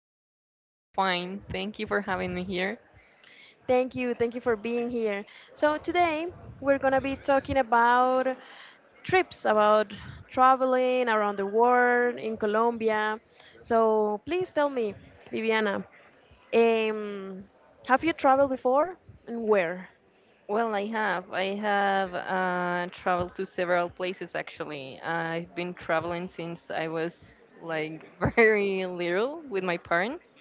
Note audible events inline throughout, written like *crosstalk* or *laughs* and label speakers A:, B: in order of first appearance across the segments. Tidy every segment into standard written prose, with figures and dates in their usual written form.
A: Hi, Emily. I'm fine. Thank you for having me here.
B: Thank you. Thank you for being here. So today we're gonna be talking about trips, about traveling around the world in Colombia. So please tell me, Viviana, um, have you traveled before and where?
A: Well, I have. I have traveled to several places actually. I've been traveling since I was like *laughs* very little with my parents,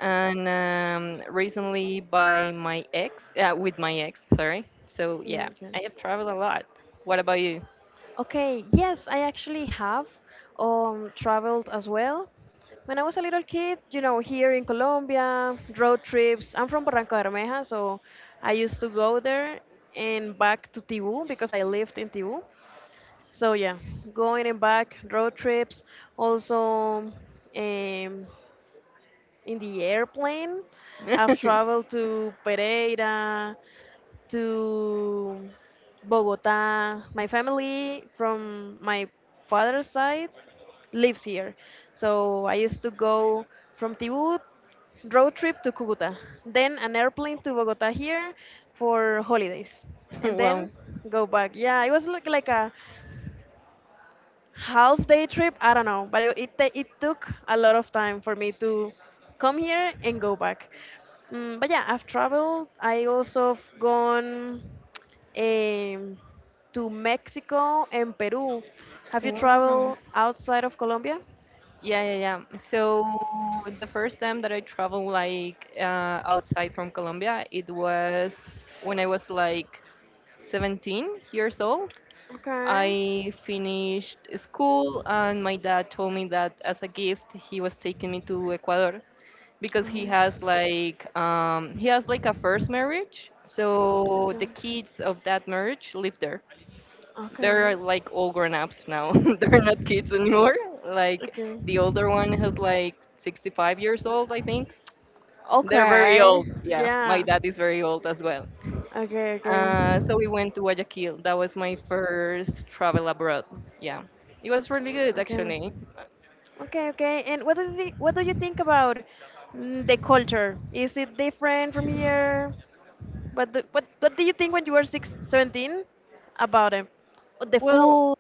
A: and recently by my ex, with my ex, sorry. So
B: Mm,
A: yeah,
B: okay.
A: I have traveled a lot. What about you?
B: Okay, yes, I actually have traveled as well. When I was a little kid, here in Colombia, road trips. I'm from Barranca Bermeja, so I used to go there and back to Tibú because I lived in Tibú. So yeah, going and back, road trips. Also, in the airplane, I've
A: *laughs*
B: traveled to Pereira, to Bogota. My family from my father's side lives here. So I used to go from Tibut road trip to Cúcuta, then an airplane to Bogota here for holidays, and then
A: Well,
B: go back. Yeah, it was like a half day trip, I don't know, but it took a lot of time for me to come here and go back. Mm, but yeah, I've traveled. I also have gone um, to Mexico and Peru. Have you
A: wow.
B: traveled outside of Colombia?
A: Yeah, yeah, yeah. So the first time that I traveled like outside from Colombia, it was when I was like 17 years old.
B: Okay.
A: I finished school, and my dad told me that as a gift, he was taking me to Ecuador because he
B: Oh,
A: has like he has like a first marriage. So the
B: okay.
A: kids of that marriage live there.
B: Okay.
A: They're like all grown ups now. *laughs* They're not kids anymore. Like
B: Okay.
A: the older one has like 65 years old, I think. They're very
B: Okay,
A: old. Yeah, my
B: yeah.
A: dad is very old as well.
B: Okay.
A: Uh,
B: Okay.
A: so we went to Guayaquil. That was my first travel abroad. Yeah, it was really good
B: Okay.
A: actually.
B: Okay, okay. And what do you think about the culture? Is it different from here? What do you think when you were six, 17, about it? The
A: Well,
B: food.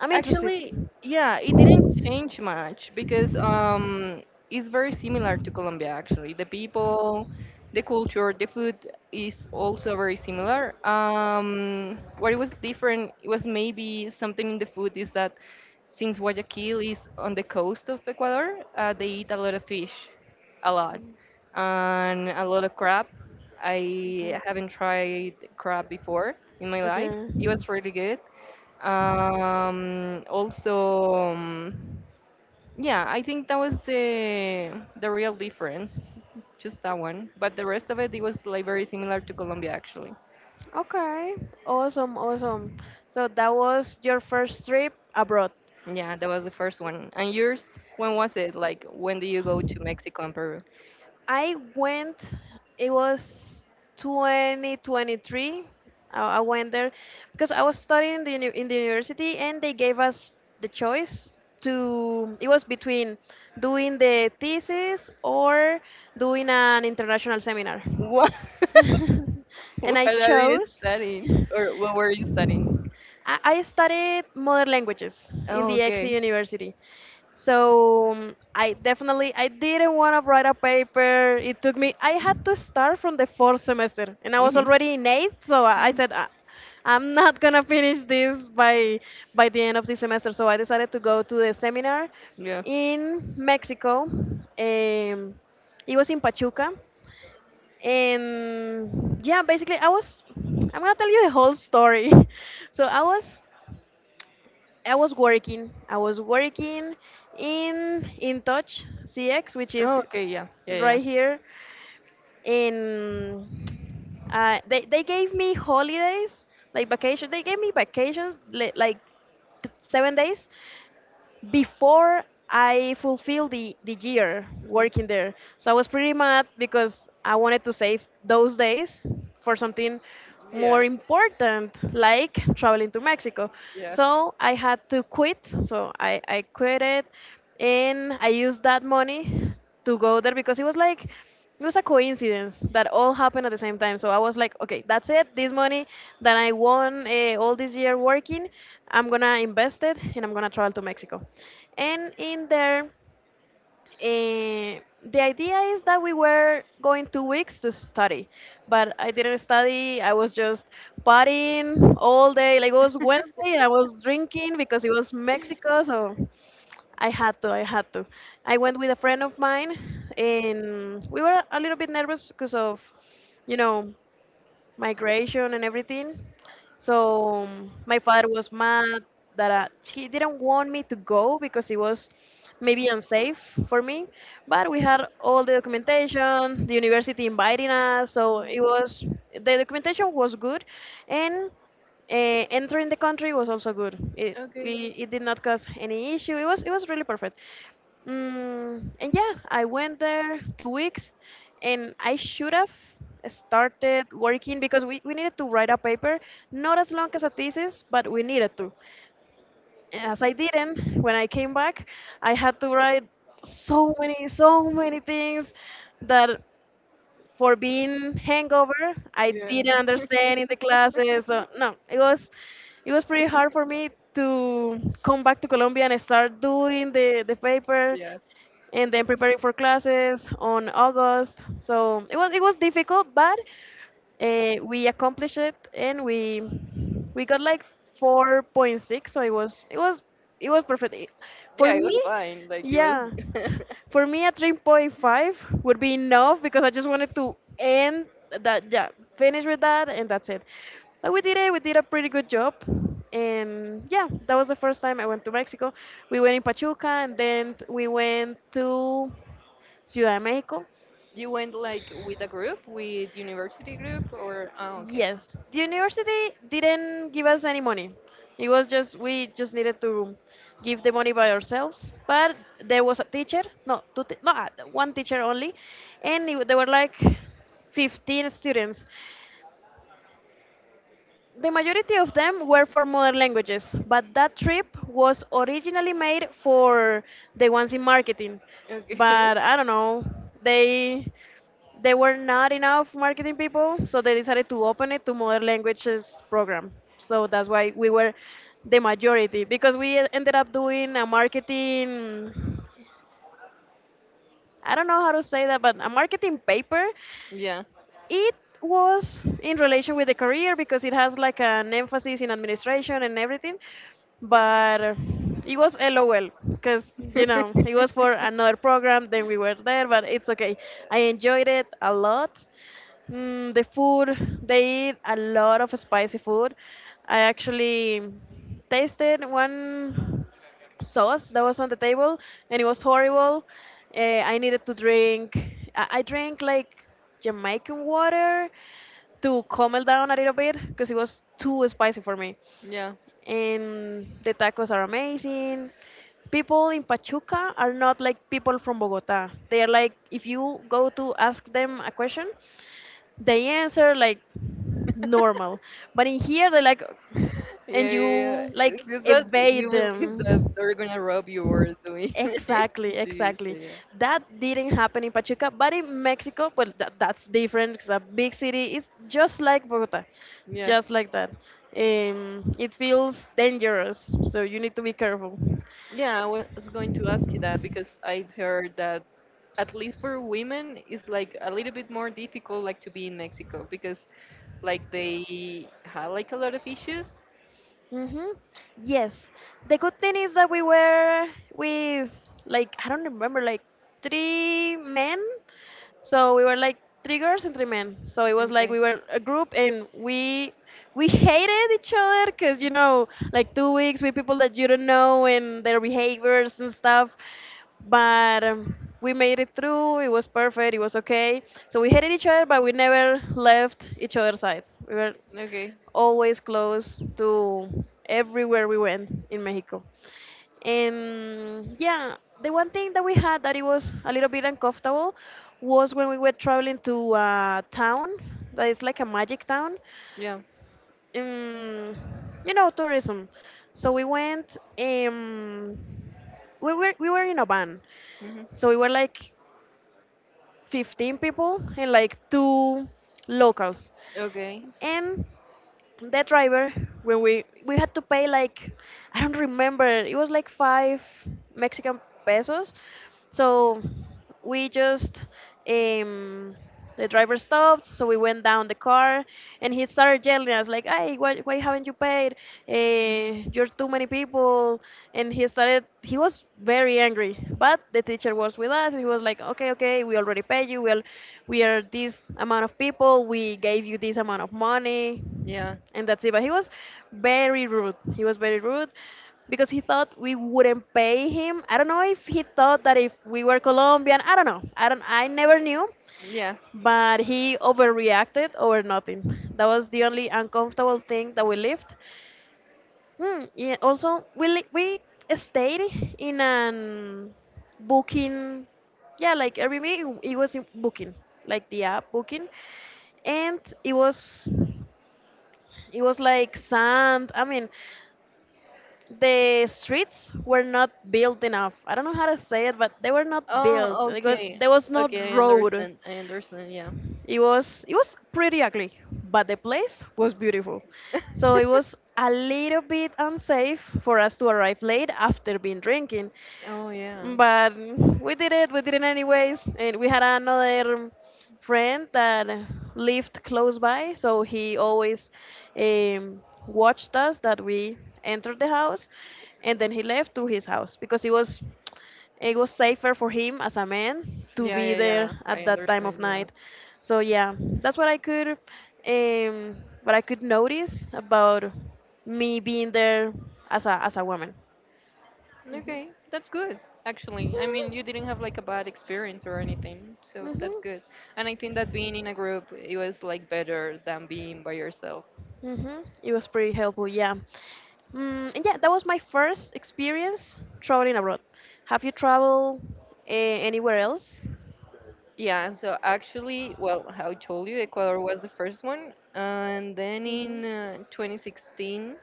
B: I'm interested.
A: actually, yeah, it didn't change much because it's very similar to Colombia, actually. The people, the culture, the food is also very similar. What it was different, it was maybe something in the food is that since Guayaquil is on the coast of Ecuador, they eat a lot of fish, a lot, and a lot of crab. I
B: Okay.
A: haven't tried crab before in my life.
B: Okay.
A: It was really good. Also, yeah, I think that was the real difference, just that one. But the rest of it, it was like very similar to Colombia, actually.
B: Okay. Awesome, awesome. So that was your first trip abroad.
A: Yeah, that was the first one. And yours, when was it? Like, when did you go to Mexico and Peru?
B: I went, it was 2023. I went there because I was studying in the university and they gave us the choice it was between doing the thesis or doing an international seminar.
A: What?
B: *laughs*
A: *laughs*
B: And
A: What
B: I
A: are you
B: chose. *laughs*
A: studying, or what were you studying?
B: I studied modern languages in
A: Oh,
B: the EXE
A: okay.
B: University. So I didn't want to write a paper. It took me I had to start from the fourth semester and I was
A: Mhm.
B: already in eighth, so I said, I'm not gonna finish this by the end of the semester. So I decided to go to the seminar
A: Yeah.
B: in Mexico. Um, it was in Pachuca, and yeah, basically I'm gonna tell you the whole story. *laughs* So I was working. I was working in touch CX, which
A: Oh,
B: is
A: okay, yeah, yeah, yeah.
B: right here. In they gave me holidays like vacation. They gave me vacations 7 days before I fulfilled the year
A: Yeah. Mhm.
B: working there. So I was pretty mad because I wanted to save those days for something
A: Yeah.
B: more important, like traveling to Mexico.
A: Yeah.
B: So I had to quit. So I quit it and I used that money to go there because it was a coincidence that all happened at the same time. So I was like, okay, that's it. This money that I won all this year working, I'm gonna invest it and I'm gonna travel to Mexico. And in there, uh, the idea is that we were going 2 weeks to study, but I didn't study. I was just partying all day. Like it was Wednesday and I was drinking because it was Mexico, so I had to, I had to. I went with a friend of mine, and we were a little bit nervous because of, you know, migration and everything. So my father was mad he didn't want me to go because it was maybe unsafe for me. But we had all the documentation, the university inviting us, so it was the documentation was good, and entering the country was also good.
A: Okay.
B: It did not cause any issue. It was really perfect. And yeah, I went there 2 weeks, and I should have started working because we needed to write a paper, not as long as a thesis, but we needed to. As I didn't, when I came back, I had to write so many, so many things that for being hangover, I
A: Yeah.
B: didn't understand in the classes. So
A: *laughs*
B: no, it was pretty hard for me to come back to Colombia and start doing the paper
A: Yeah.
B: and then preparing for classes on August. So it was difficult, but we accomplished it, and we got like 4.6, so it was perfect.
A: Yeah,
B: For
A: it
B: me,
A: was fine. Like it was
B: yeah,
A: *laughs*
B: for me a 3.5 would be enough because I just wanted to end that, yeah, finish with that, and that's it. But we did it. We did a pretty good job. And yeah, that was the first time I went to Mexico. We went in Pachuca and then we went to Ciudad de Mexico.
A: you went like with a group, with university group or oh okay.
B: Yes, the university didn't give us any money. It was just we just needed to give the money by ourselves. But there was a teacher, no, two, no, one teacher only, and there were like 15 students. The majority of them were for modern languages, but that trip was originally made for the ones in marketing.
A: Okay. *laughs*
B: But I don't know, they they were not enough marketing people, so they decided to open it to modern languages program. So that's why we were the majority because we ended up doing a marketing, I don't know how to say that, but a marketing paper.
A: Yeah.
B: It was in relation with the career because it has like an emphasis in administration and everything,
A: Okay.
B: but it was LOL because you know it was for
A: *laughs*
B: another program. Then we were there, but it's okay. I enjoyed it a lot. The food, they eat a lot of spicy food. I actually tasted one sauce that was on the table and it was horrible. I needed to drink. I drank like Jamaican water to calm it down a little bit because it was too spicy for me.
A: Yeah.
B: And the tacos are amazing. People in Pachuca are not like people from Bogota. They are like, if you go to ask them a question, they answer like normal. But in here, they like,
A: Yeah,
B: and
A: yeah, yeah.
B: you like
A: It's just that you
B: evade
A: believe that
B: them.
A: they're gonna rob you or doing *laughs*
B: Exactly,
A: this,
B: exactly.
A: yeah.
B: That didn't happen in Pachuca, but in Mexico, well, that's different. It's a big city. It's just like Bogota,
A: Yeah.
B: just like that. It feels dangerous, so you need to be careful.
A: Yeah, I was going to ask you that because I've heard that at least for women it's like a little bit more difficult like to be in Mexico because like they have like a lot of issues.
B: Mm-hmm. Yes. The good thing is that we were with, like, I don't remember, like three men. So we were like three girls and three men. So it was like
A: Okay.
B: we were a group and we hated each other because like 2 weeks with people that you don't know and their behaviors and stuff. But we made it through. It was perfect. It was okay. So we hated each other, but we never left each other's sides. We were
A: Okay.
B: always close to everywhere we went in Mexico. And yeah, the one thing that we had that it was a little bit uncomfortable was when we were traveling to a town that is like a magic town.
A: Yeah.
B: Um, tourism. So we went. We were in a van,
A: Hmm.
B: so we were like 15 people and like two locals,
A: Okay.
B: and the driver, when we had to pay, like, I don't remember, it was like five Mexican pesos. So we just um the driver stopped, so we went down the car and he started yelling at us like, hey, why haven't you paid, you're too many people. And he was very angry, but the teacher was with us and he was like, okay, okay, we already paid you, well, we are this amount of people, we gave you this amount of money,
A: Yeah.
B: and that's it. But he was very rude. He was very rude because he thought we wouldn't pay him. I don't know if he thought that if we were Colombian, I don't know. I don't. I never knew,
A: Yeah.
B: but he overreacted over nothing. That was the only uncomfortable thing that we lived. Hmm. Yeah, also, we stayed in an booking. Yeah, like Airbnb. It was in booking, like the app booking, and it was like sand. I mean, the streets were not built enough. I don't know how to say it, but they were not built.
A: Oh,
B: They got,
A: okay.
B: there was no
A: Okay, I
B: road.
A: understand. I understand. Yeah.
B: It was pretty ugly, but the place was beautiful. So it was
A: *laughs*
B: a little bit unsafe for us to arrive late after being drinking,
A: Oh yeah.
B: but we did it. We did it anyways, and we had another friend that lived close by, so he always um, watched us that we entered the house, and then he left to his house because it was safer for him as a man to
A: Yeah,
B: be
A: yeah,
B: there
A: yeah.
B: at
A: I
B: that time
A: understand.
B: of
A: Yeah.
B: night. So yeah, that's um, what I could notice about me being there as a woman.
A: Okay, that's good. Actually, I mean, you didn't have like a bad experience or anything, so that's
B: hmm
A: good. And I think that being in a group, it was like better than being by yourself.
B: It was pretty helpful, yeah. And yeah, that was my first experience traveling abroad. Have you traveled uh, anywhere else?
A: Yeah, so actually, well, how I told you, Ecuador was the first one. And then in 2016,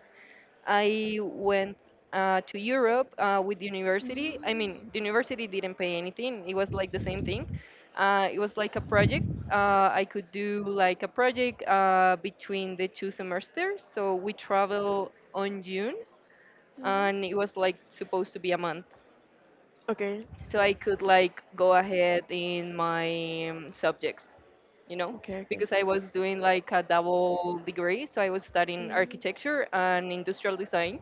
A: I went to Europe with the university. I mean, the university didn't pay anything, it was like the same thing. It was like a project. I could do like a project between the two semesters. So we travel on June, and it was like supposed to be a month.
B: Okay.
A: So I could like go ahead in my subjects you know,
B: Okay, okay.
A: because I was doing like a double degree. So I was studying
B: Mm.
A: architecture and industrial design.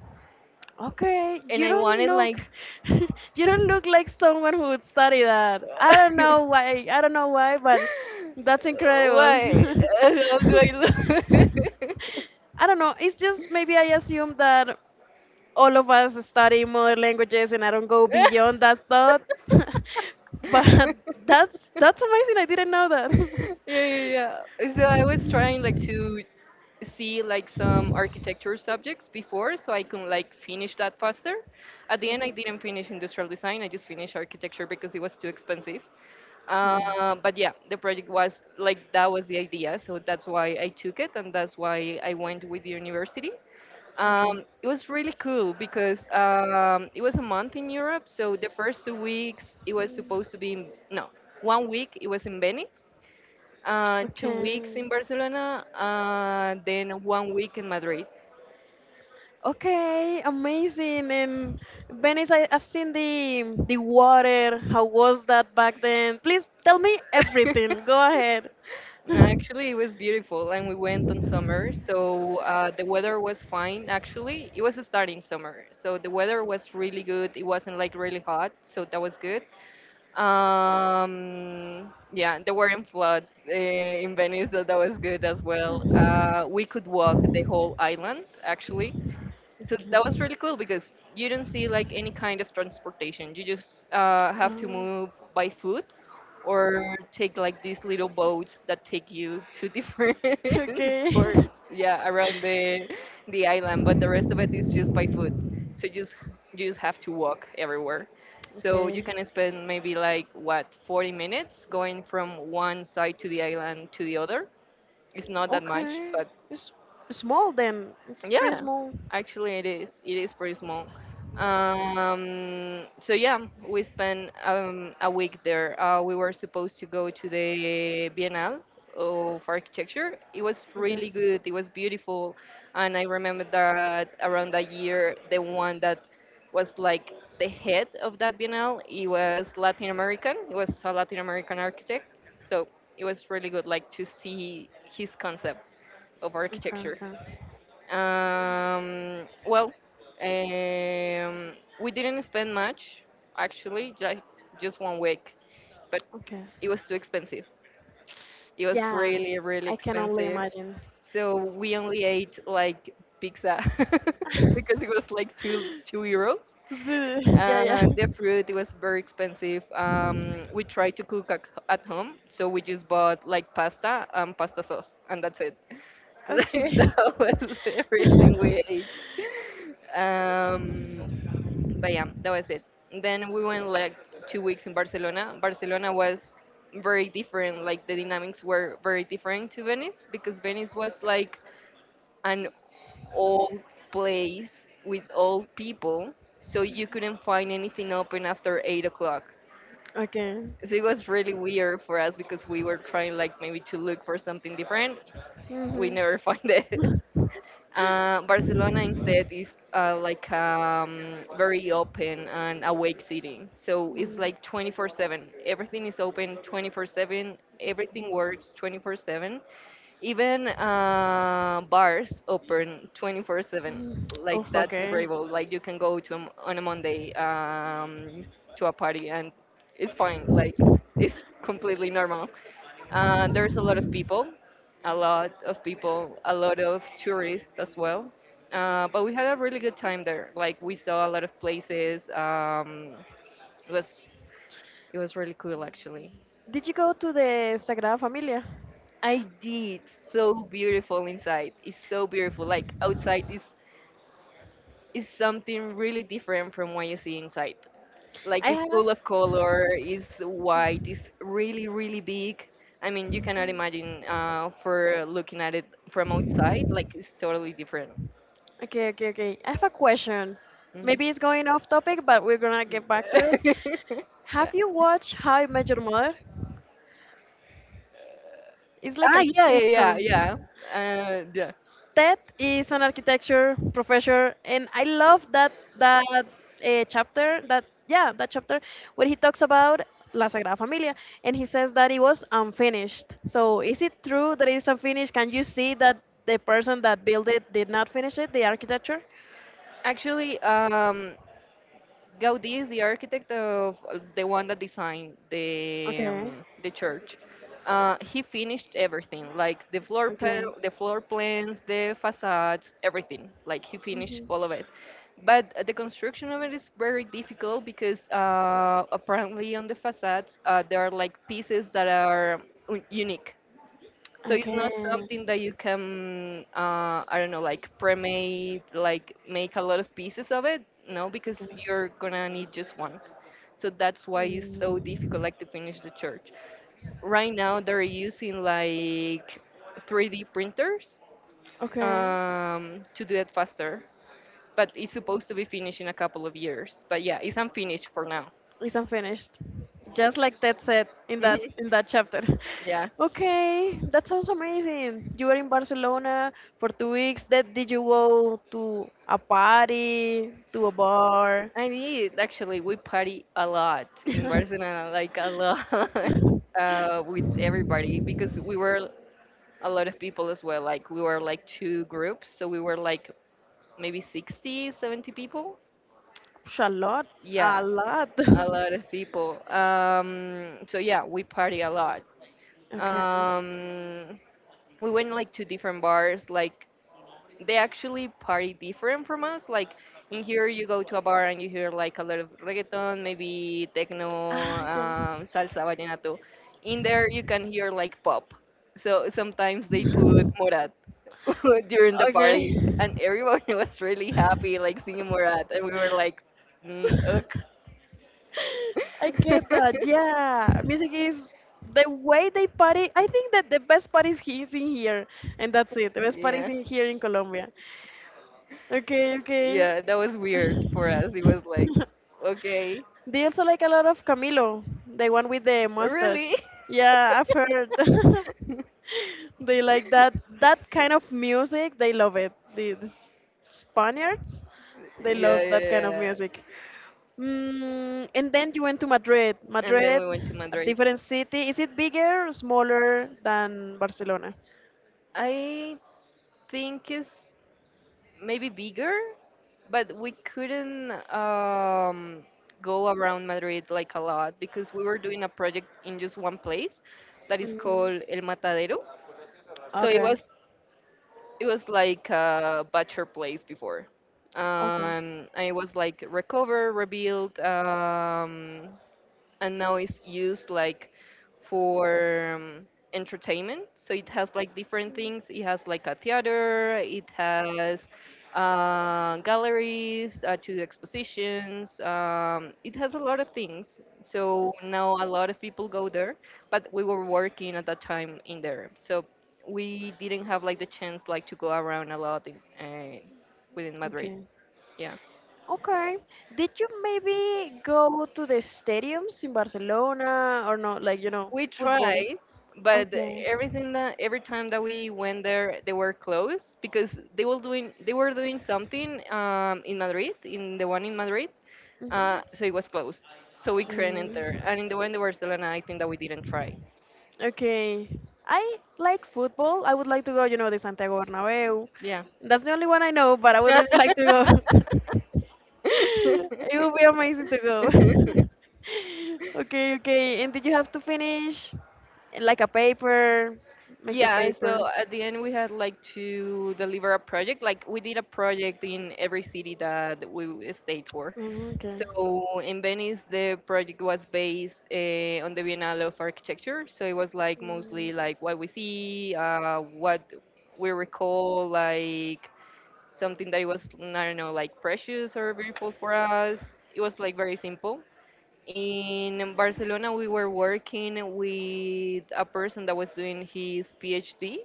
B: Okay,
A: And
B: you
A: I
B: don't
A: wanted
B: look
A: like,
B: *laughs* you don't look like someone who would study that. I don't know
A: *laughs*
B: why. I don't know why, but that's incredible.
A: why? *laughs* How do I look?
B: *laughs* I don't know. It's just maybe I assume that all of us study more languages and I don't go beyond that thought. *laughs* But that's amazing. I didn't know that. *laughs*
A: *laughs* Yeah, yeah, yeah. So I was trying like to see like some architecture subjects before so I can like finish that faster. At the end I didn't finish industrial design, I just finished architecture because it was too expensive.
B: Mhm. Hmm.
A: But yeah, the project was like that was the idea, so that's why I took it, and that's why I went with the university.
B: Okay.
A: It was really cool because it was a month in Europe, so the first two weeks it was
B: Mm.
A: supposed to be in, no, one week it was in Venice, two weeks
B: Okay.
A: in Barcelona, then one week in Madrid.
B: Okay, amazing. And Venice, I've seen the water. How was that back then? Please tell me everything.
A: *laughs*
B: Go ahead.
A: No, actually, it was beautiful, and we went on summer, so the weather was fine. Actually, it was starting summer, so the weather was really good. It wasn't like really hot, so that was good. Yeah, there weren't floods in Venice, so that was good as well. We could walk the whole island, actually. So that was
B: Okay.
A: really cool because you don't see like any kind of transportation. You just have to
B: Oh.
A: move by foot or take like these little boats that take you to different *laughs*
B: Okay. *laughs*
A: ports, yeah, around the island. But the rest of it is just by foot. So you just have to walk everywhere. So you
B: Okay.
A: can spend maybe like what 40 minutes going from one side to the island to the other. It's not that much,
B: Okay. It's small then. It's pretty
A: yeah,
B: small.
A: actually it is. It is pretty small. So yeah, we spent a week there. We were supposed to go to the Biennale of Architecture. It was
B: Okay.
A: really good. It was beautiful, and I remember that around that year, the one that was like the head of that Biennale, he was Latin American. He was a Latin American architect, so it was really good, like to see his concept of
B: Okay.
A: architecture.
B: Okay.
A: Well, um, we didn't spend much, actually, just one week, but
B: Okay.
A: it was too expensive. It was
B: Yeah.
A: really, really
B: I can only
A: expensive.
B: imagine.
A: So we only ate like pizza *laughs* because it was like two euros.
B: *laughs* Zoo. *laughs* Yeah, yeah.
A: The fruit it was very expensive. We tried to cook at home, so we just bought like pasta and pasta sauce, and that's it. *laughs* Like
B: Okay.
A: that was everything we ate. Um, but yeah, that was it. Then we went like two weeks in Barcelona. Barcelona was very different. Like the dynamics
B: *laughs*
A: were very different to Venice because Venice was like an old place with old people, so you couldn't find anything open after 8 o'clock.
B: Okay.
A: So it was really weird for us because we were trying like maybe to look for something different. We never *laughs* find it.
B: Mm-hmm. *laughs*
A: Barcelona instead is like very open and awake city. So it's
B: Mm.
A: like 24/7. Everything is open 24/7. Everything works 24/7. Even bars open 24/7.
B: Mm.
A: Like
B: Oof,
A: that's
B: okay.
A: incredible. Like you can go to a m on a Monday to a party and it's fine. Like it's completely normal. There's a lot of people, a lot of people, a lot of tourists as well. But we had a really good time there. Like we saw a lot of places. It was it was really cool actually.
B: Did you go to the Sagrada Familia?
A: I did, so beautiful inside. It's so beautiful. Like outside is something really different from what you see inside. Like
B: I
A: it's
B: have.
A: full of color, it's
B: Okay.
A: white, it's really, really big. I mean, you cannot imagine, for looking at it from outside, like it's totally different.
B: Okay, okay, okay. I have a question.
A: Mhm.
B: Maybe it's going off topic, but we're gonna get back to it.
A: *laughs*
B: Have
A: Yeah.
B: you watched How I Met Your Mother? It's like a
A: Ah, yeah, yeah, yeah,
B: sitcom.
A: yeah, yeah,
B: Ted is an architecture professor, and I love that chapter. That Yeah, that chapter where he talks about La Sagrada Familia, and he says that it was unfinished. So is it true that it is unfinished? Can you see that the person that built it did not finish it, the architecture?
A: actually Gaudí is the architect of the one that designed
B: Okay.
A: the church. He finished everything, like the
B: Okay.
A: the floor plans, the facades, everything. Like he finished
B: Mhm.
A: all of it. But the construction of it is very difficult because apparently on the facades there are like pieces that are unique. So it's
B: Okay.
A: not
B: Okay.
A: something that you can, I don't know, like pre-made, like make a lot of pieces of it. No, because you're gonna need just one. So that's why it's so difficult,
B: Mm.
A: like to finish the church. Right now, they're using like 3D printers
B: Okay,
A: to do it faster, but it's supposed to be finished in a couple of years. But yeah, it's unfinished for now.
B: it's unfinished. Just like that said in that
A: Mhm.
B: in that chapter. *laughs* Okay, that sounds amazing. You were in Barcelona for 2 weeks. That did you go to a party, to a bar?
A: I did actually. We party a lot in
B: *laughs*
A: Barcelona, like a lot, *laughs* with everybody because we were a lot of people as well. Like we were like two groups, so we were like maybe 60, 70 people.
B: Psh, a lot,
A: Yeah,
B: a lot. *laughs*
A: a lot of people. So yeah, we party a lot.
B: Okay.
A: Um, we went like to different bars, like they actually party different from us. Like in here, you go to a bar and you hear like a lot of reggaeton, maybe techno,
B: Ah, ya.
A: salsa, vallenato. In there, you can hear like pop. So sometimes they put Morat *laughs* during the
B: Okay.
A: party, and everyone *laughs* was really happy, like singing Morat, and we were like, mm, ok.
B: I get that.
A: *laughs*
B: Yeah, music is the way they party. I think that the best party is in here, and that's it. The best party is
A: Yeah,
B: in here in Colombia. Okay, okay.
A: yeah, that was weird for us. It was like,
B: *laughs*
A: okay,
B: They also like a lot of Camilo, the one with the mustache.
A: really.
B: Yeah, I've heard. *laughs* They like
A: *laughs*
B: that kind of music. They love it. The Spaniards, they love
A: Yeah,
B: that kind
A: yeah,
B: of
A: yeah.
B: music. And then you went to Madrid.
A: And then
B: Madrid,
A: we went to
B: a
A: Madrid.
B: different city. Is it bigger or smaller than Barcelona?
A: I think it's maybe bigger, but we couldn't go around Madrid like a lot because we were doing a project in just one place that is
B: Mm,
A: called El Matadero. So it
B: okay.
A: was it was like a butcher place before.
B: Okay.
A: And it was like recover, rebuild, and now it's used like for entertainment. So it has like different things. It has like a theater. It has galleries, two expositions. It has a lot of things. So now a lot of people go there, but we were working at that time in there. So we didn't have like the chance like to go around a lot in, uh, within Madrid.
B: Okay.
A: Yeah.
B: Okay. Did you maybe go to the stadiums in Barcelona or not? Like,
A: We
B: football.
A: tried, but
B: Okay.
A: every time that we went there, they were closed because they were doing something in Madrid, in the one in Madrid.
B: Mhm.
A: So it was closed, so we couldn't enter.
B: Mm.
A: And in the one in Barcelona, I think that we didn't try.
B: Okay. I like football. I would like to go, the Santiago Bernabeu.
A: Yeah.
B: That's the only one I know, but I would really like to go. *laughs* *laughs* It would be
A: *laughs*
B: amazing to go. *laughs* Okay, okay. And did you have to finish like a paper, make the
A: Yeah, so
B: paper?
A: at the end we had like to deliver a project. Like we did a project in every city that we stayed for.
B: Oh, okay.
A: So in Venice, the project was based on the Biennale of Architecture. So it was like
B: Mm.
A: mostly like what we see, what we recall, like something that was, I don't know, like precious or beautiful for us. It was like very simple. In Barcelona, we were working with a person that was doing his PhD.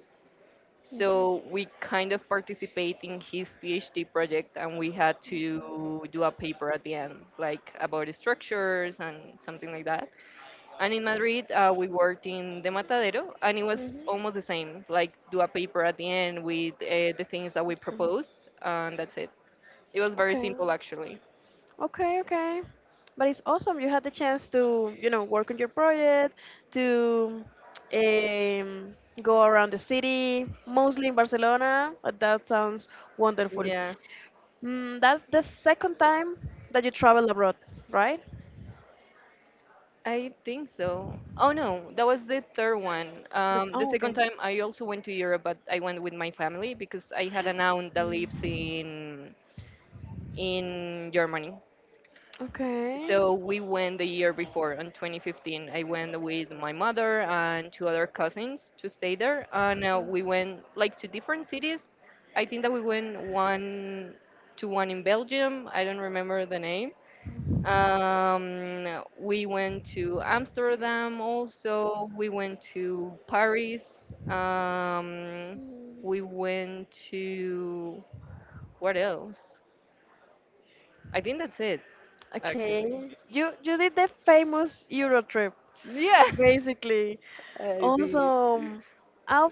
A: So we kind of participate in his PhD project and we had to do a paper at the end, like about the structures and something like that. And in Madrid, we worked in the Matadero and it was
B: Mhm.
A: almost the same, like do a paper at the end with the things that we
B: Okay.
A: proposed, and that's it. It was very
B: Okay,
A: simple actually.
B: okay, okay. But it's awesome. You had the chance to, work on your project, to um, go around the city, mostly in Barcelona. But that sounds wonderful.
A: Yeah.
B: That's the second time that you travel abroad, right?
A: I think so. Oh no, that was the third one. The
B: Oh,
A: second
B: okay.
A: time I also went to Europe, but I went with my family because I had an aunt that lives
B: Mm.
A: in Germany.
B: Okay.
A: So we went the year before, in 2015. I went with my mother and two other cousins to stay there, and we went like to different cities. I think that we went one to one in Belgium. I don't remember the name, we went to Amsterdam also. We went to Paris.
B: Mm.
A: We went to, what else? I think that's it,
B: Okay.
A: actually.
B: You did the famous Euro trip,
A: Yeah,
B: basically.
A: *laughs* I did.
B: Awesome. How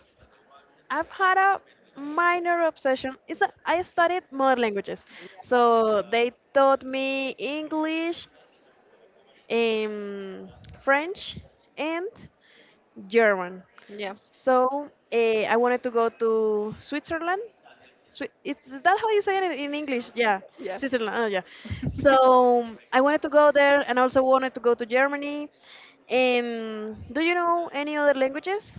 B: I've had a minor obsession. I studied more languages, so they taught me English, um, French, and German.
A: Yeah,
B: So I wanted to go to Switzerland. Is that how you say it in English? Yeah,
A: yeah.
B: Switzerland. Oh, yeah.
A: *laughs*
B: So I wanted to go there, and also wanted to go to Germany. Do you know any other languages?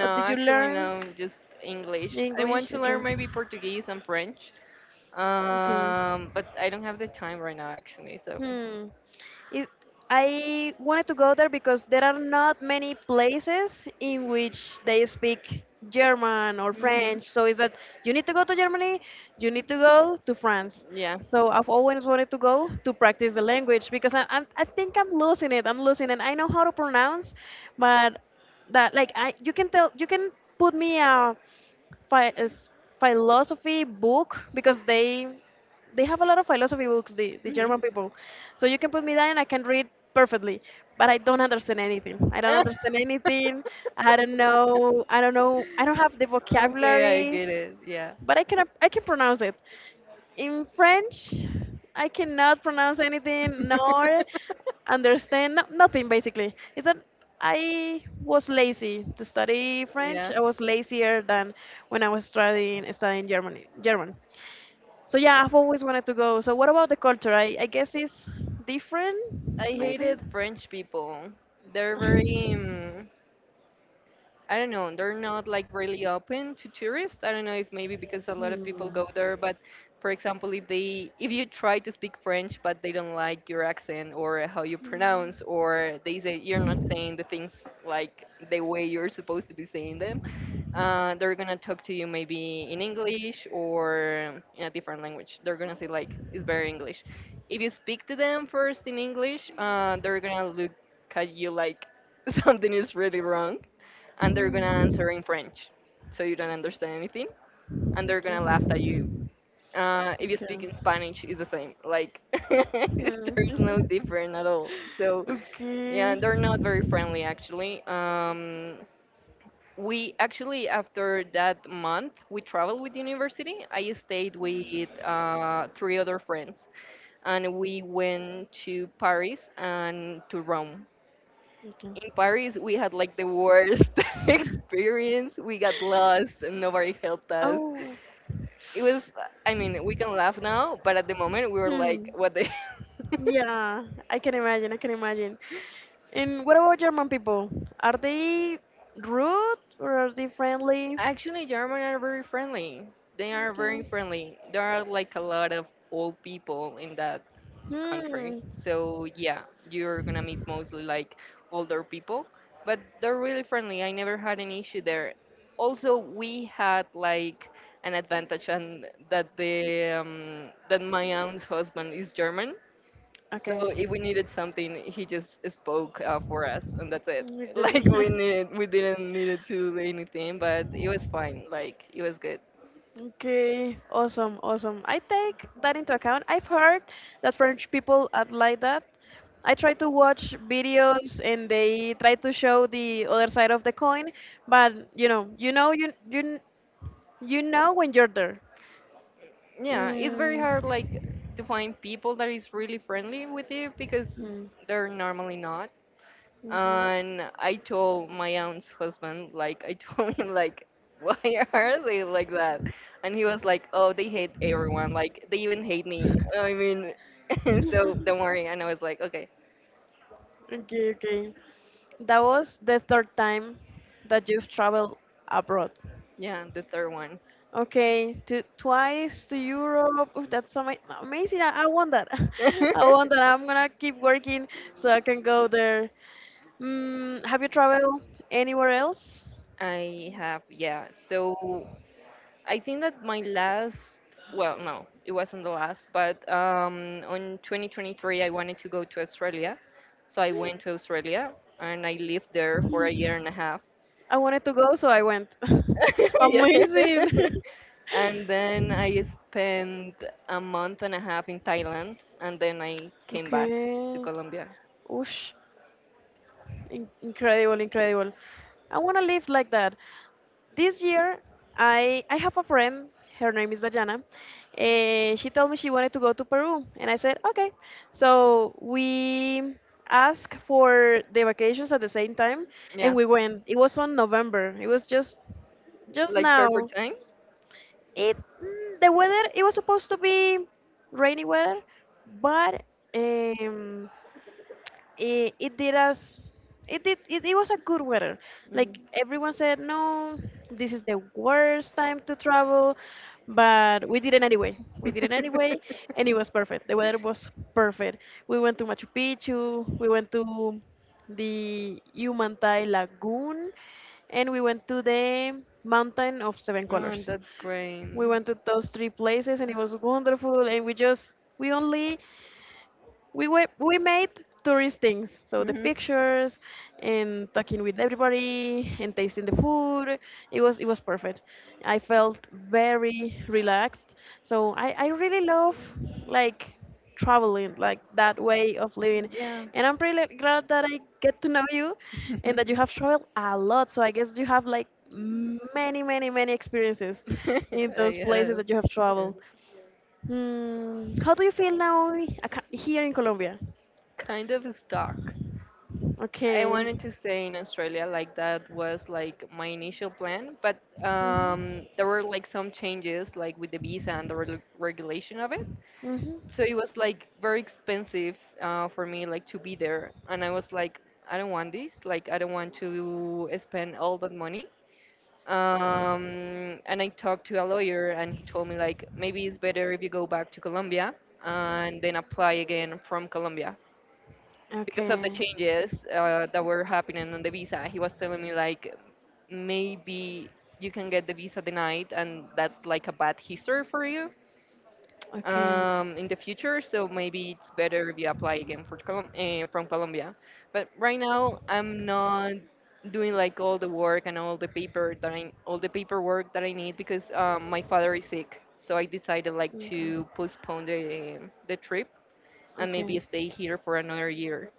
B: Or did you
A: actually,
B: learn?
A: no, just English. I want
B: English.
A: to
B: Okay.
A: learn maybe Portuguese and French,
B: Okay.
A: but I don't have the time right now, actually. So,
B: Hmm. It, I wanted to go there because there are not many places in which they speak German or
A: hmm
B: French. So it's that you need to go to Germany, you need to go to France.
A: yeah.
B: So I've always wanted to go to practice the language because I think I'm losing it. I'm losing it. I know how to pronounce, but that, like, I you can put me a is philosophy book because they have a lot of philosophy books, the
A: hmm
B: German people, so you can put me down, and I can read perfectly, but I don't understand anything. I don't understand anything.
A: *laughs*
B: I don't know. I don't know. I don't have the
A: Okay, I
B: vocabulary,
A: get it. Yeah.
B: but I can pronounce it. In French, I cannot pronounce anything nor
A: *laughs*
B: understand, no, nothing basically. It's that I was lazy to study French.
A: Yeah.
B: I was lazier than when I was studying German. German. So yeah, I've always wanted to go. So what about the culture? I guess it's different,
A: I
B: maybe.
A: hated French people. They're very,
B: *laughs*
A: I don't know, they're not like really open to tourists. I don't know if maybe because a lot of people
B: Hmm.
A: go there, but for example, if you try to speak French but they don't like your accent or how you
B: Mm.
A: pronounce, or they say you're not saying the things like the way you're supposed to be saying them, they're gonna talk to you maybe in English or in a different language. They're gonna say like it's very English. If you speak to them first in English, they're gonna look at you like *laughs* something is really wrong, and they're gonna answer in French, so you don't understand anything, and
B: Mm.
A: they're gonna laugh
B: Okay.
A: at you. If you
B: Okay.
A: speak in Spanish, it's the same. Like *laughs* there's no
B: Hmm.
A: different at all. So
B: *laughs*
A: yeah,
B: Okay.
A: they're not very friendly actually. We actually after that month we traveled with university. I stayed with three other friends, and we went to Paris and to Rome.
B: Okay.
A: In Paris, we had like the worst *laughs* experience. We got lost and nobody helped us.
B: Oh.
A: It was, I mean, we can laugh now, but at the moment we were like,
B: Hmm.
A: what the. *laughs*
B: Yeah, I can imagine. I can imagine. And what about German people? Are they rude or are they friendly?
A: Actually, German are very friendly. They are very
B: Okay.
A: friendly. There are like a lot of old people in that country.
B: Hmm.
A: So yeah, you're gonna meet mostly like older people, but they're really friendly. I never had an issue there. Also, we had like an advantage and that the that my aunt's husband is German, so
B: Okay.
A: if we needed something, he just spoke for us, and that's it. *laughs*
B: Okay.
A: Like
B: *laughs*
A: we needed, we didn't needed to do anything, but it was fine. Like it was good.
B: Okay, awesome, awesome. I take that into account. I've heard that French people are like that. I try to watch videos and they try to show the other side of the coin, but you know when you're there.
A: Yeah, it's very hard like to find people that is really friendly with you because
B: Mm,
A: they're normally not.
B: Mhm.
A: And I told my aunt's husband, like, I *laughs* told him, like, why are they like that? And he was like, oh, they hate everyone. Like they even hate me. I mean, *laughs* so don't
B: *laughs*
A: worry. And I was like, okay.
B: Okay, okay. That was the third time that you've traveled abroad.
A: Yeah, the third one.
B: Okay, to twice to Europe. Oof, that's so amazing. I want that. *laughs* I want that.
A: *laughs*
B: I'm gonna keep working so I can go there. Have you traveled anywhere else?
A: I have, yeah. So I think that my last, well, no, it wasn't the last, but on 2023, I wanted to go to Australia. So I went to Australia and I lived there for a year and a half.
B: I wanted to go, so I went. *laughs*
A: *laughs* Yeah.
B: Amazing.
A: *laughs* And then I spent a month and a half in Thailand and then I
B: *laughs*
A: came back to
B: Okay.
A: Colombia.
B: Oosh. Incredible, incredible. I want to live like that. This year, I have a friend. Her name is Dayana. She told me she wanted to go to Peru, and I said okay. So we asked for the vacations at the same time, and
A: Yeah,
B: we went. It was on November. It was just
A: like
B: now.
A: perfect time.
B: The weather. It was supposed to be rainy weather, but um, it, it did us it did it, it was a good weather. Like
A: Mhm.
B: everyone said no, this is the worst time to travel, but we did it anyway. We did it anyway. And it was
A: *laughs*
B: perfect. The weather was perfect. We went to Machu Picchu. We went to the Humantai lagoon, and we went to the mountain of seven
A: Oh,
B: colors.
A: that's
B: We
A: great.
B: went to those three places, and it was wonderful. And we just we only we were, we made tourist things, so the
A: hmm
B: pictures, and talking with everybody, and tasting the food, it was perfect. I felt very relaxed. So I really love, like, traveling, like that way of living.
A: Yeah.
B: And I'm really glad that I get to know you, and that you have
A: *laughs*
B: traveled a lot, so I guess you have like many, many, many experiences in those
A: I
B: places
A: have.
B: that you have
A: Yeah.
B: traveled. How do you feel now, here in Colombia?
A: Kind of stuck. I
B: Okay.
A: wanted to stay in Australia, like that was like my initial plan, but
B: Mm-hmm.
A: there were like some changes, like with the visa and the regulation of it.
B: Mm-hmm.
A: So it was like very expensive for me, like to be there, and I was like, I don't want this. Like I don't want to spend all that money. And I talked to a lawyer, and he told me like maybe it's better if you go back to Colombia and then apply again from Colombia because of the
B: Okay.
A: changes that were happening on the visa. He was telling me like maybe you can get the visa denied, and that's like a bad history for you
B: Okay.
A: in the future. So maybe it's better if you apply again for from Colombia. But right now, I'm not doing like all the work and all the paper that I, all the paperwork that I need, because my father is sick. So I decided like
B: Okay.
A: to postpone the trip and
B: Okay.
A: maybe stay here for another year.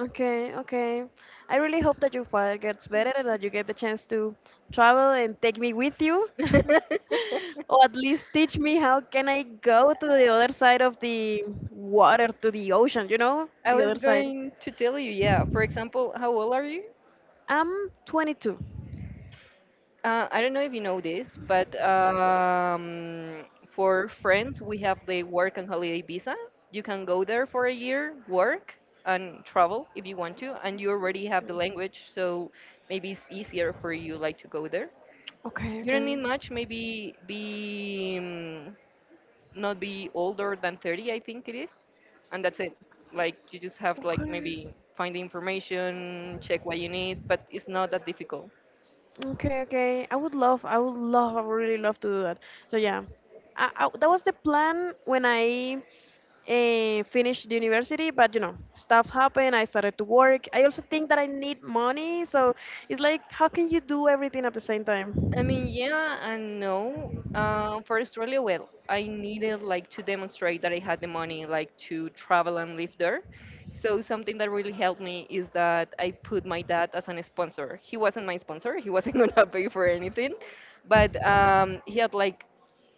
B: Okay, okay. I really hope that your father gets better, and that you get the chance to travel and take me with you. *laughs*
A: *laughs*
B: Or at least teach me how can I go to the other side of the water, to the ocean, you know?
A: I
B: The
A: was
B: other side.
A: going to tell you, yeah. For example, how old are you?
B: I'm 22.
A: I don't know if you know this, but for friends, we have the work and holiday visa. You can go there for a year, work, and travel if you want to, and you already have the language, so maybe it's easier for you like to go there.
B: Okay,
A: You don't
B: okay.
A: need much, maybe be, not be older than 30, I think it is, and that's it. Like you just have like
B: Okay.
A: maybe find the information, check what you need, but it's not that difficult.
B: Okay, okay. I would love, I would love, I would really love to do that. So yeah, That was the plan when I finished the university. But stuff happened. I started to work. I also think that I need money. So it's like, how can you do everything at the same time?
A: I mean, yeah and no. For Australia, well, I needed like to demonstrate that I had the money, like to travel and live there. So something that really helped me is that I put my dad as an sponsor. He wasn't my sponsor. He wasn't *laughs* gonna pay for anything, but he had like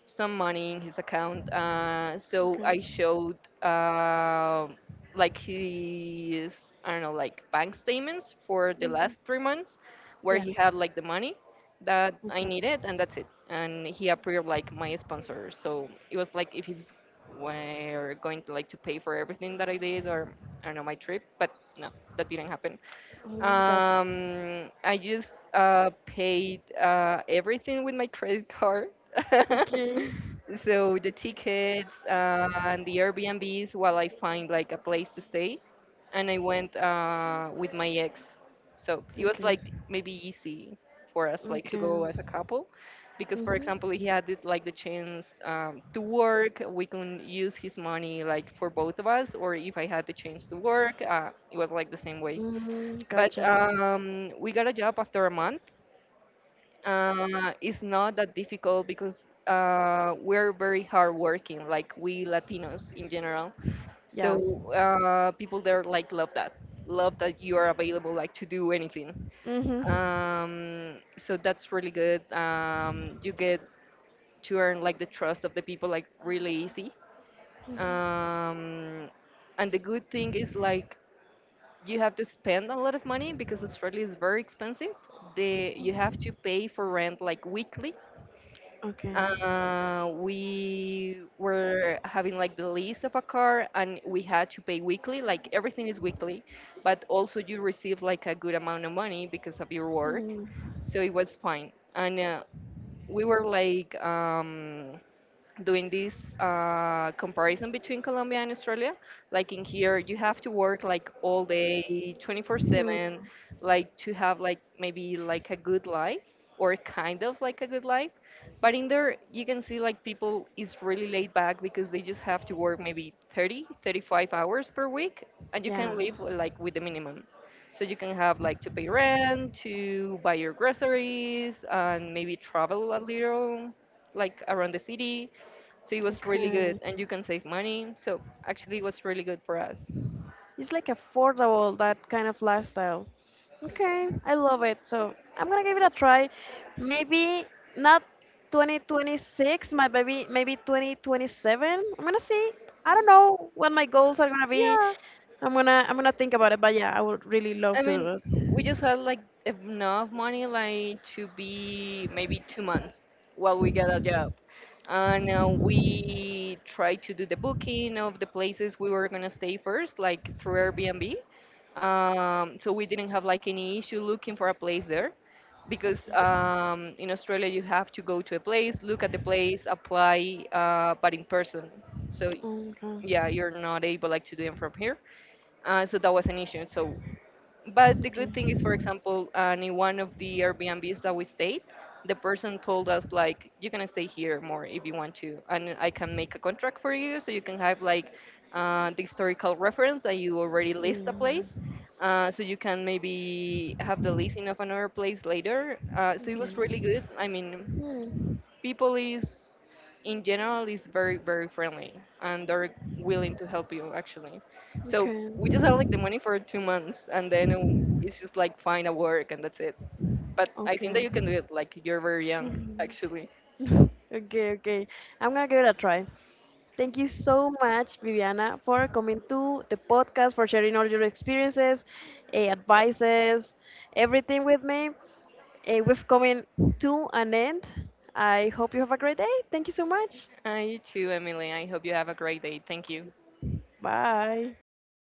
A: some money in his account. So I showed, uh, like, his, I don't know, like bank statements for the last 3 months, where
B: Yeah.
A: he had like the money that I
B: Okay.
A: needed, and that's it. And he approved like my sponsor. So it was like if he's were going to like to pay for everything that I did or I don't know my trip, but no, that didn't happen.
B: Oh my God.
A: I just paid everything with my credit card. *laughs*
B: Okay.
A: So the tickets and the Airbnbs while I find like a place to stay. And I went with my ex. So it was
B: Okay.
A: like maybe easy for us like to
B: Okay.
A: go as a couple, because for example
B: Mm-hmm.
A: he had it, like the chance to work, we can use his money like for both of us, or if I had the chance to work, it was like the same way.
B: Mm,
A: But
B: gotcha.
A: we got a job after a month. It's not that difficult because we're very hardworking, like we Latinos in general. So
B: Yeah.
A: people there like love that you are available like to do anything.
B: Mhm.
A: So that's really good. You get to earn like the trust of the people like really easy. Um, and the good thing is like you have to spend a lot of money because Australia is very expensive. The You have to pay for rent like weekly.
B: Okay.
A: We were having like the lease of a car and we had to pay weekly. Like everything is weekly, but also you receive like a good amount of money because of your work,
B: Mm.
A: so it was fine. And we were like. Doing this comparison between Colombia and Australia. Like in here, you have to work like all day, 24/7, like to have like maybe like a good life or kind of like a good life. But in there, you can see like people is really laid back because they just have to work maybe 30, 35 hours per week, and you can
B: Yeah.
A: live like with the minimum. So you can have like to pay rent, to buy your groceries, and maybe travel a little, like around the city, so it was really good,
B: Okay.
A: and you can save money. So actually, it was really good for us.
B: It's like affordable, that kind of lifestyle. Okay, I love it. So I'm gonna give it a try. Maybe not 2026, my baby, maybe 2027. I'm gonna see. I don't know what my goals are gonna be.
A: Yeah,
B: I'm gonna think about it, but yeah, I would really love
A: I
B: to
A: mean,
B: do it.
A: we just had like enough money, like to be maybe 2 months while we get a job, and we tried to do the booking of the places we were gonna stay first, like through Airbnb. So we didn't have like any issue looking for a place there, because in Australia you have to go to a place, look at the place, apply, but in person. So
B: Mhm. Okay.
A: yeah, you're not able like to do them from here, so that was an issue. So but the
B: Okay.
A: good thing is, for example, in one of the Airbnbs that we stayed, the person told us like, you can stay here more if you want to, and I can make a contract for you, so you can have like the historical reference that you already list a place,
B: Mm.
A: so you can maybe have the listing of another place later, so it was
B: Okay.
A: really good. I mean,
B: Hmm.
A: people is, in general, is very, very friendly, and they're willing to help you actually. So
B: Okay.
A: we just had like the money for 2 months, and then it's just like find a work and that's it. But I think that
B: Okay.
A: you can do it, like, you're very young,
B: Mhm.
A: actually.
B: *laughs* Okay, okay. I'm gonna give it a try. Thank you so much, Viviana, for coming to the podcast, for sharing all your experiences, advices, everything with me. We've coming to an end. I hope you have a great day. Thank you so much.
A: You too, Emily. I hope you have a great day. Thank you.
B: Bye.
A: Bye.